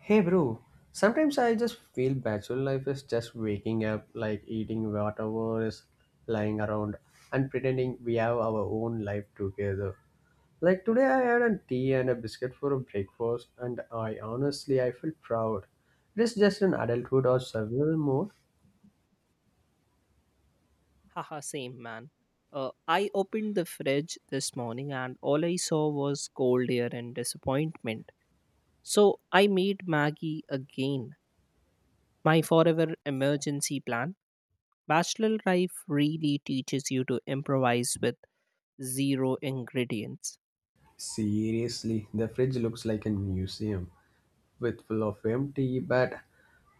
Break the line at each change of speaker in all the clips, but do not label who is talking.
Hey bro, sometimes I just feel bachelor life is just waking up, like eating whatever is lying around and pretending we have our own life together. Like today I had a tea and a biscuit for a breakfast and I honestly I feel proud. It is just an adulthood or survival mode.
Haha, same man. I opened the fridge this morning and all I saw was cold air and disappointment. So I made Maggie again, my forever emergency plan. Bachelor life really teaches you to improvise with zero ingredients.
Seriously, the fridge looks like a museum. With full of empty, but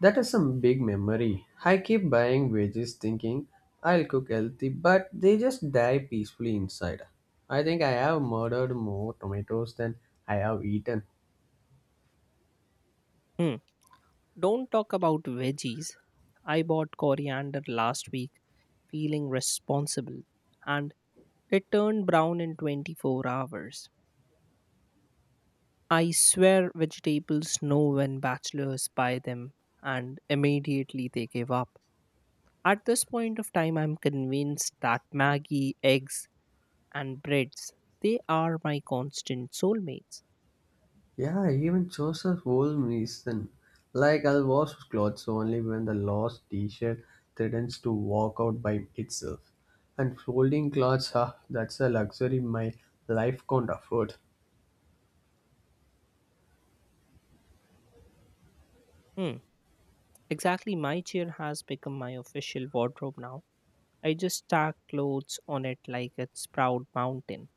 that is some big memory. I keep buying veggies thinking I'll cook healthy, but they just die peacefully inside. I think I have murdered more tomatoes than I have eaten.
Hmm. Don't talk about veggies. I bought coriander last week, feeling responsible, and it turned brown in 24 hours. I swear vegetables know when bachelors buy them and immediately they give up. At this point of time, I'm convinced that Maggie, eggs, and breads. They are my constant soulmates.
Yeah, even chose a whole reason. Like I'll wash clothes only when the lost t-shirt threatens to walk out by itself. And folding clothes, ah, that's a luxury my life can't afford.
Hmm, exactly. My chair has become my official wardrobe now. I just stack clothes on it like it's Proud Mountain.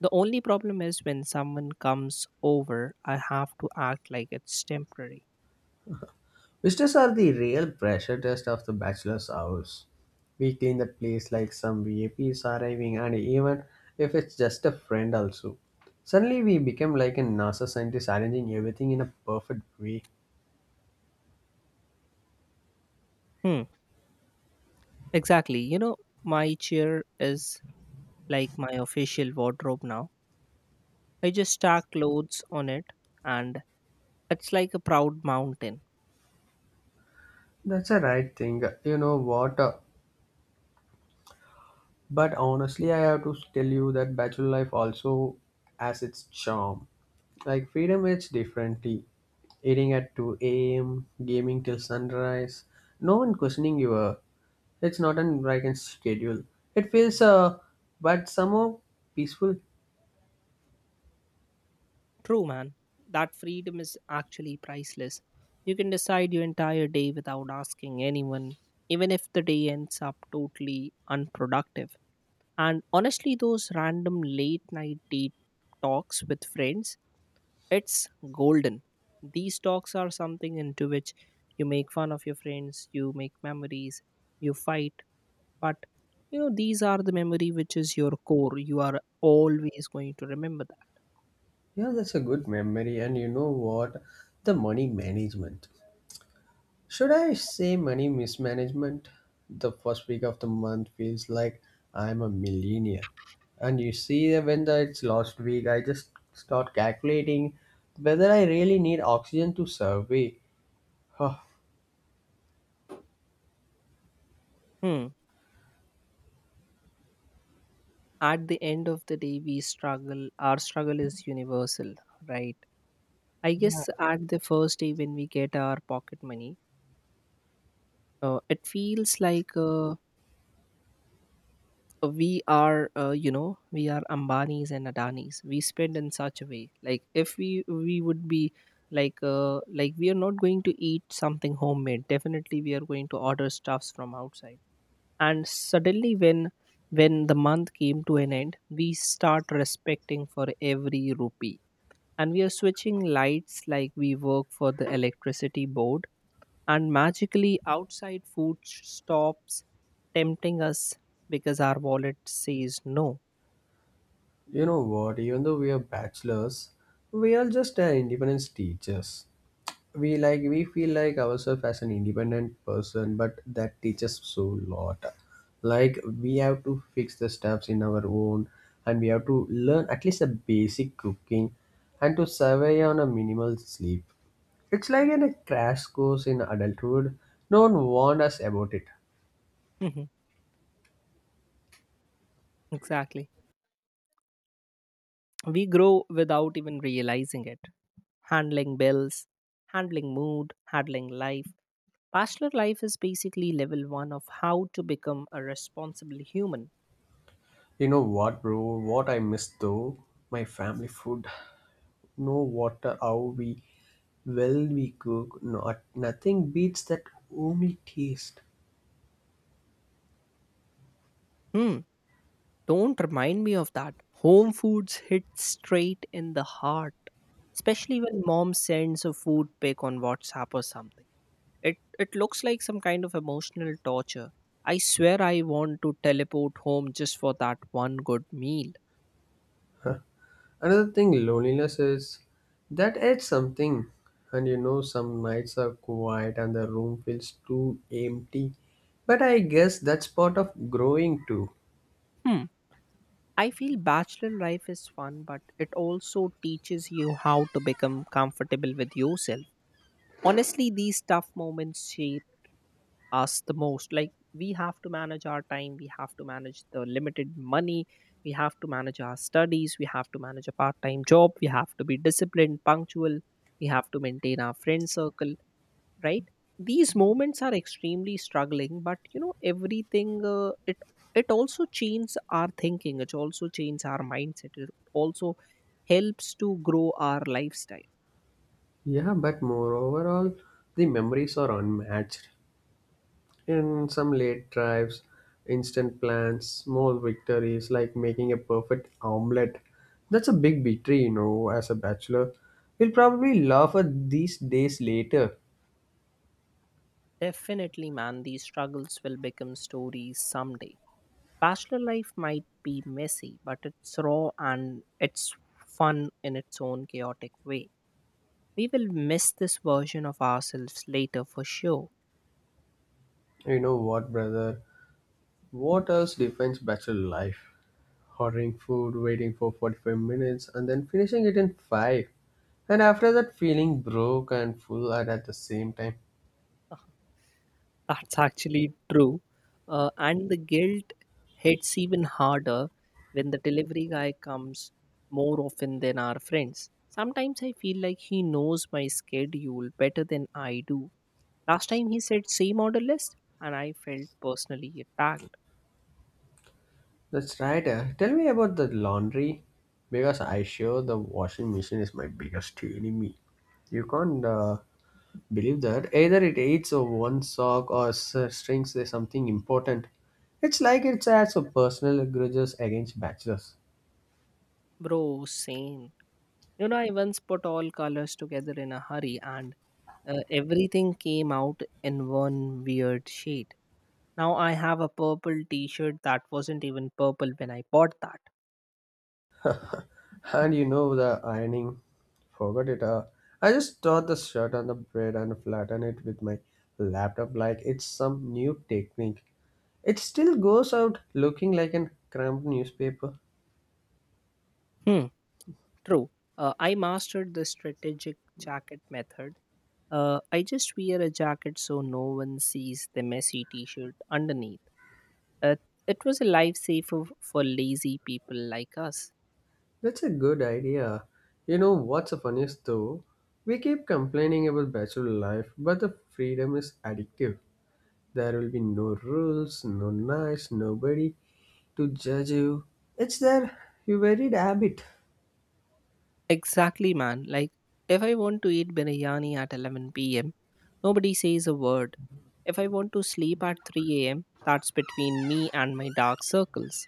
The only problem is when someone comes over, I have to act like it's temporary.
Vistas are the real pressure test of the bachelor's house. We clean the place like some VIPs arriving, and even if it's just a friend, also. Suddenly, we become like a NASA scientist arranging everything in a perfect way.
Hmm, exactly. You know, my chair is like my official wardrobe now. I just stack clothes on it, and it's like a proud mountain.
That's a right thing, you know what? But honestly, I have to tell you that bachelor life also has its charm. Like, freedom is differently. Eating at 2 a.m., gaming till sunrise, no one questioning your, it's not an American schedule. It feels but somehow peaceful.
True, man. That freedom is actually priceless. You can decide your entire day without asking anyone, even if the day ends up totally unproductive. And honestly, those random late night date talks with friends, it's golden. These talks are something into which you make fun of your friends, you make memories, you fight, but you know, these are the memory which is your core. You are always going to remember that.
Yeah, that's a good memory. And you know what? The money management. Should I say money mismanagement? The first week of the month feels like I'm a millionaire. And you see that it's last week, I just start calculating whether I really need oxygen to survey. Huh.
Hmm. At the end of the day, we struggle. Our struggle is universal, right? I
Yeah,
guess at the first day when we get our pocket money, it feels like a we are you know, we are ambanis and adanis. We spend in such a way, like if we would be like we are not going to eat something homemade, definitely we are going to order stuffs from outside. And suddenly when the month came to an end, we start respecting for every rupee, and we are switching lights like we work for the electricity board, and magically outside food stops tempting us because our wallet says no.
you know what? Even though we are bachelors, we are just independence teachers. We like we feel like ourselves as an independent person, but that teaches so lot. Like we have to fix the stuffs in our own, and we have to learn at least a basic cooking and to survey on a minimal sleep. It's like in a crash course in adulthood. No one warned us about it.
Mhm, exactly. We grow without even realizing it. Handling bills, handling mood, handling life. Bachelor life is basically level one of how to become a responsible human.
You know what, bro, what I miss though, my family food. No water how we, well we cook, not nothing beats that homely taste.
Hmm. Don't remind me of that. Home foods hit straight in the heart, especially when mom sends a food pic on WhatsApp or something. It looks like some kind of emotional torture. I swear I want to teleport home just for that one good meal.
Another thing, loneliness is that it's something, and you know, some nights are quiet and the room feels too empty. But I guess that's part of growing too.
Hmm. I feel bachelor life is fun, but it also teaches you how to become comfortable with yourself. Honestly, these tough moments shape us the most. Like, we have to manage our time, we have to manage the limited money, we have to manage our studies, we have to manage a part-time job, we have to be disciplined, punctual, we have to maintain our friend circle, right? These moments are extremely struggling, but you know everything, it also changes our thinking, it also changes our mindset, it also helps to grow our lifestyle.
Yeah, but moreover, all the memories are unmatched. In some late drives, instant plans, small victories like making a perfect omelette. That's a big victory, you know, as a bachelor. We'll probably laugh at these days later.
Definitely, man. These struggles will become stories someday. Bachelor life might be messy, but it's raw and it's fun in its own chaotic way. We will miss this version of ourselves later for sure.
You know what, brother? What else defines bachelor life? Ordering food, waiting for 45 minutes, and then finishing it in 5. And after that, feeling broke and full and at the same time.
That's actually true. And the guilt hits even harder when the delivery guy comes more often than our friends. Sometimes I feel like he knows my schedule better than I do. Last time he said same order list, and I felt personally attacked.
That's right. Tell me about the laundry. Because I sure the washing machine is my biggest enemy. You can't believe that. Either it eats or one sock or strings is something important. It's like it has a personal grudges against bachelors.
Bro, same. You know, I once put all colors together in a hurry, and everything came out in one weird shade. Now I have a purple t shirt that wasn't even purple when I bought that.
And you know the ironing? Forgot it. I just tore the shirt on the bed and flattened it with my laptop like it's some new technique. It still goes out looking like an cramped newspaper.
Hmm, true. I mastered the strategic jacket method. I just wear a jacket so no one sees the messy t shirt underneath. Uh, it was a lifesaver for lazy people like us.
That's a good idea. You know what's the funniest though? We keep complaining about bachelor life, but the freedom is addictive. There will be no rules, no nights, nobody to judge you. It's there, you wear it habit.
Exactly, man. Like, if I want to eat biryani at 11 p.m., nobody says a word. If I want to sleep at 3 a.m., that's between me and my dark circles.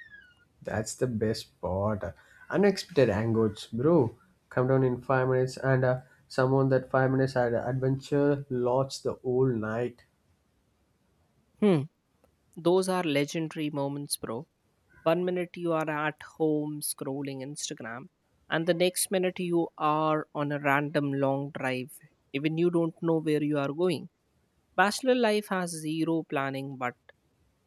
That's the best part. Unexpected angles, bro. Come down in five minutes, and someone that five minutes had adventure lots the whole night.
Hmm. Those are legendary moments, bro. One minute you are at home scrolling Instagram, and the next minute you are on a random long drive. Even you don't know where you are going. Bachelor life has zero planning, but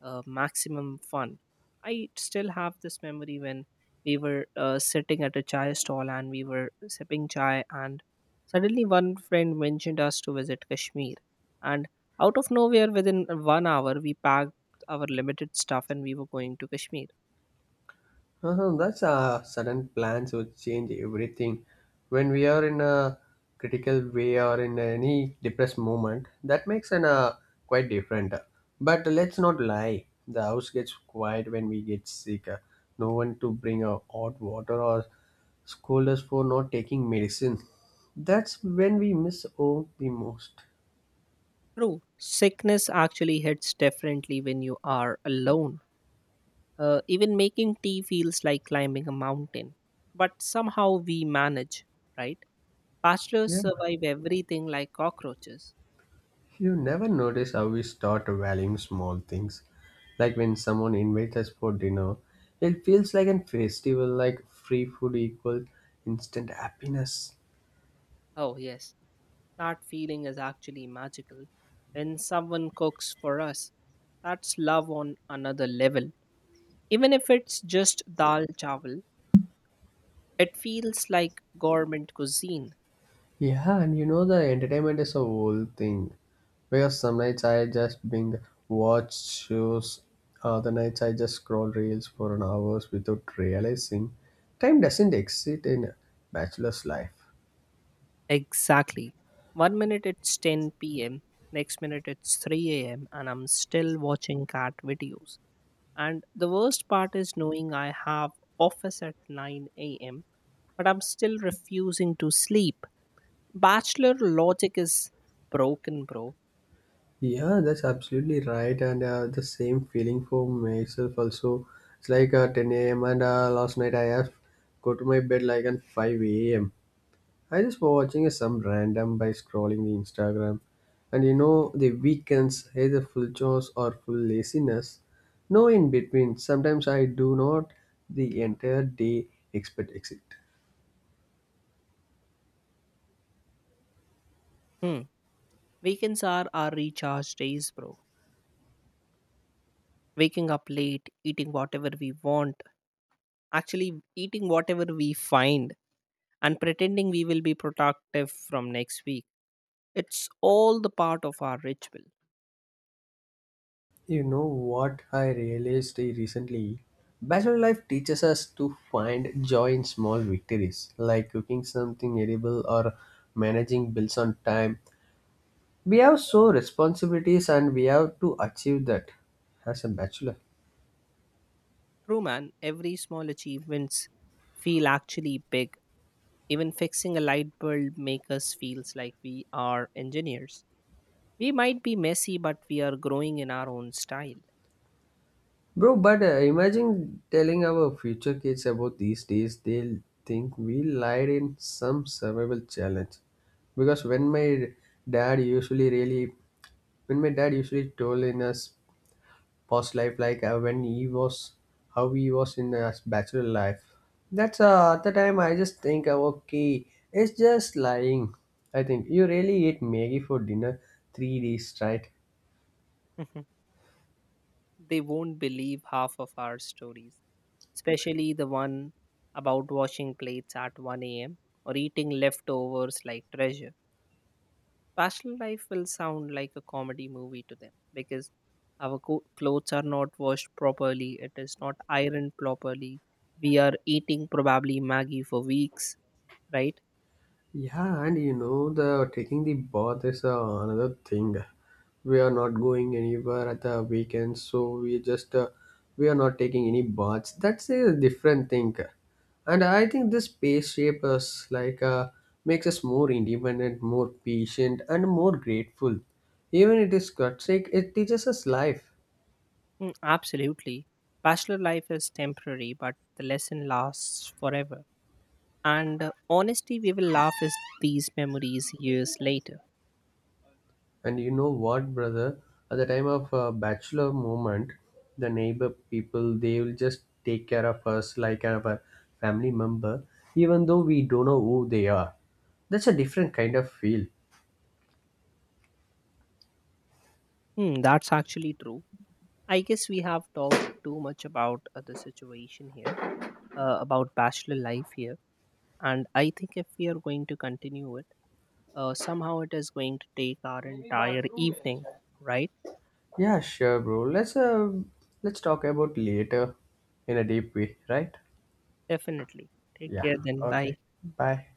maximum fun. I still have this memory when we were sitting at a chai stall and we were sipping chai, and suddenly one friend mentioned us to visit Kashmir. And out of nowhere, within one hour, we packed our limited stuff and we were going to Kashmir.
Uh-huh, that's a sudden plans would change everything. When we are in a critical way or in any depressed moment, that makes an quite different. But let's not lie. The house gets quiet when we get sick. No one to bring a hot water or scold us for not taking medicine. That's when we miss home the most.
True, sickness actually hits differently when you are alone. Even making tea feels like climbing a mountain, but somehow we manage, right? Bachelors
Yeah.
survive everything like cockroaches.
You never notice how we start valuing small things. Like when someone invites us for dinner, it feels like a festival, like free food equals instant happiness.
Oh, yes, that feeling is actually magical. When someone cooks for us, that's love on another level. Even if it's just dal chawal, it feels like government cuisine.
Yeah, and you know the entertainment is a whole thing. Because some nights I just bing watch shows, other nights I just scroll reels for an hours without realizing time doesn't exist in a bachelor's life.
Exactly. One minute it's 10 p.m., next minute it's 3 a.m., and I'm still watching cat videos. And the worst part is knowing I have office at 9 a.m., but I'm still refusing to sleep. Bachelor logic is broken, bro.
Yeah, that's absolutely right, and the same feeling for myself also. It's like 10 a.m. and last night I have go to my bed like at 5 a.m. I just was watching some random by scrolling the Instagram, and you know the weekends either full chores or full laziness, no in between. Sometimes I do not the entire day expect exit.
Hmm. Weekends are our recharge days, bro. Waking up late, eating whatever we want, actually eating whatever we find, and pretending we will be productive from next week. It's all the part of our ritual.
You know what I realized recently? Bachelor life teaches us to find joy in small victories, like cooking something edible or managing bills on time. We have so responsibilities and we have to achieve that as a bachelor.
True, man. Every small achievements feel actually big. Even fixing a light bulb makes us feels like we are engineers. We might be messy, but we are growing in our own style.
Bro, but imagine telling our future kids about these days, they'll think we lied in some survival challenge. Because dad usually really when my dad usually told in us past life like when he was how he was in his bachelor life, that's at the time I just think, okay, it's just lying. I think you really ate maggie for dinner three days, right?
They won't believe half of our stories, especially the one about washing plates at 1 a.m. or eating leftovers like treasure. Bachelor life will sound like a comedy movie to them because our clothes are not washed properly, it is not ironed properly. We are eating probably Maggie for weeks, right?
Yeah, and you know the taking the bath is another thing. We are not going anywhere at the weekends, so we just we are not taking any baths. That's a different thing, and I think this space shape us like makes us more independent, more patient, and more grateful. Even it is cut it teaches us life.
Mm, absolutely. Bachelor life is temporary, but the lesson lasts forever. And honestly, we will laugh at these memories years later.
And you know what, brother? At the time of bachelor moment, the neighbor people they will just take care of us like kind of a family member, even though we don't know who they are. That's a different kind of feel.
Hmm, that's actually true. I guess we have talked too much about the situation here, about bachelor life here. And I think if we are going to continue it, somehow it is going to take our entire evening, right?
Yeah, sure, bro. Let's talk about later in a deep way, right?
Definitely. Take
Yeah.
care then. Bye.
Okay. Bye.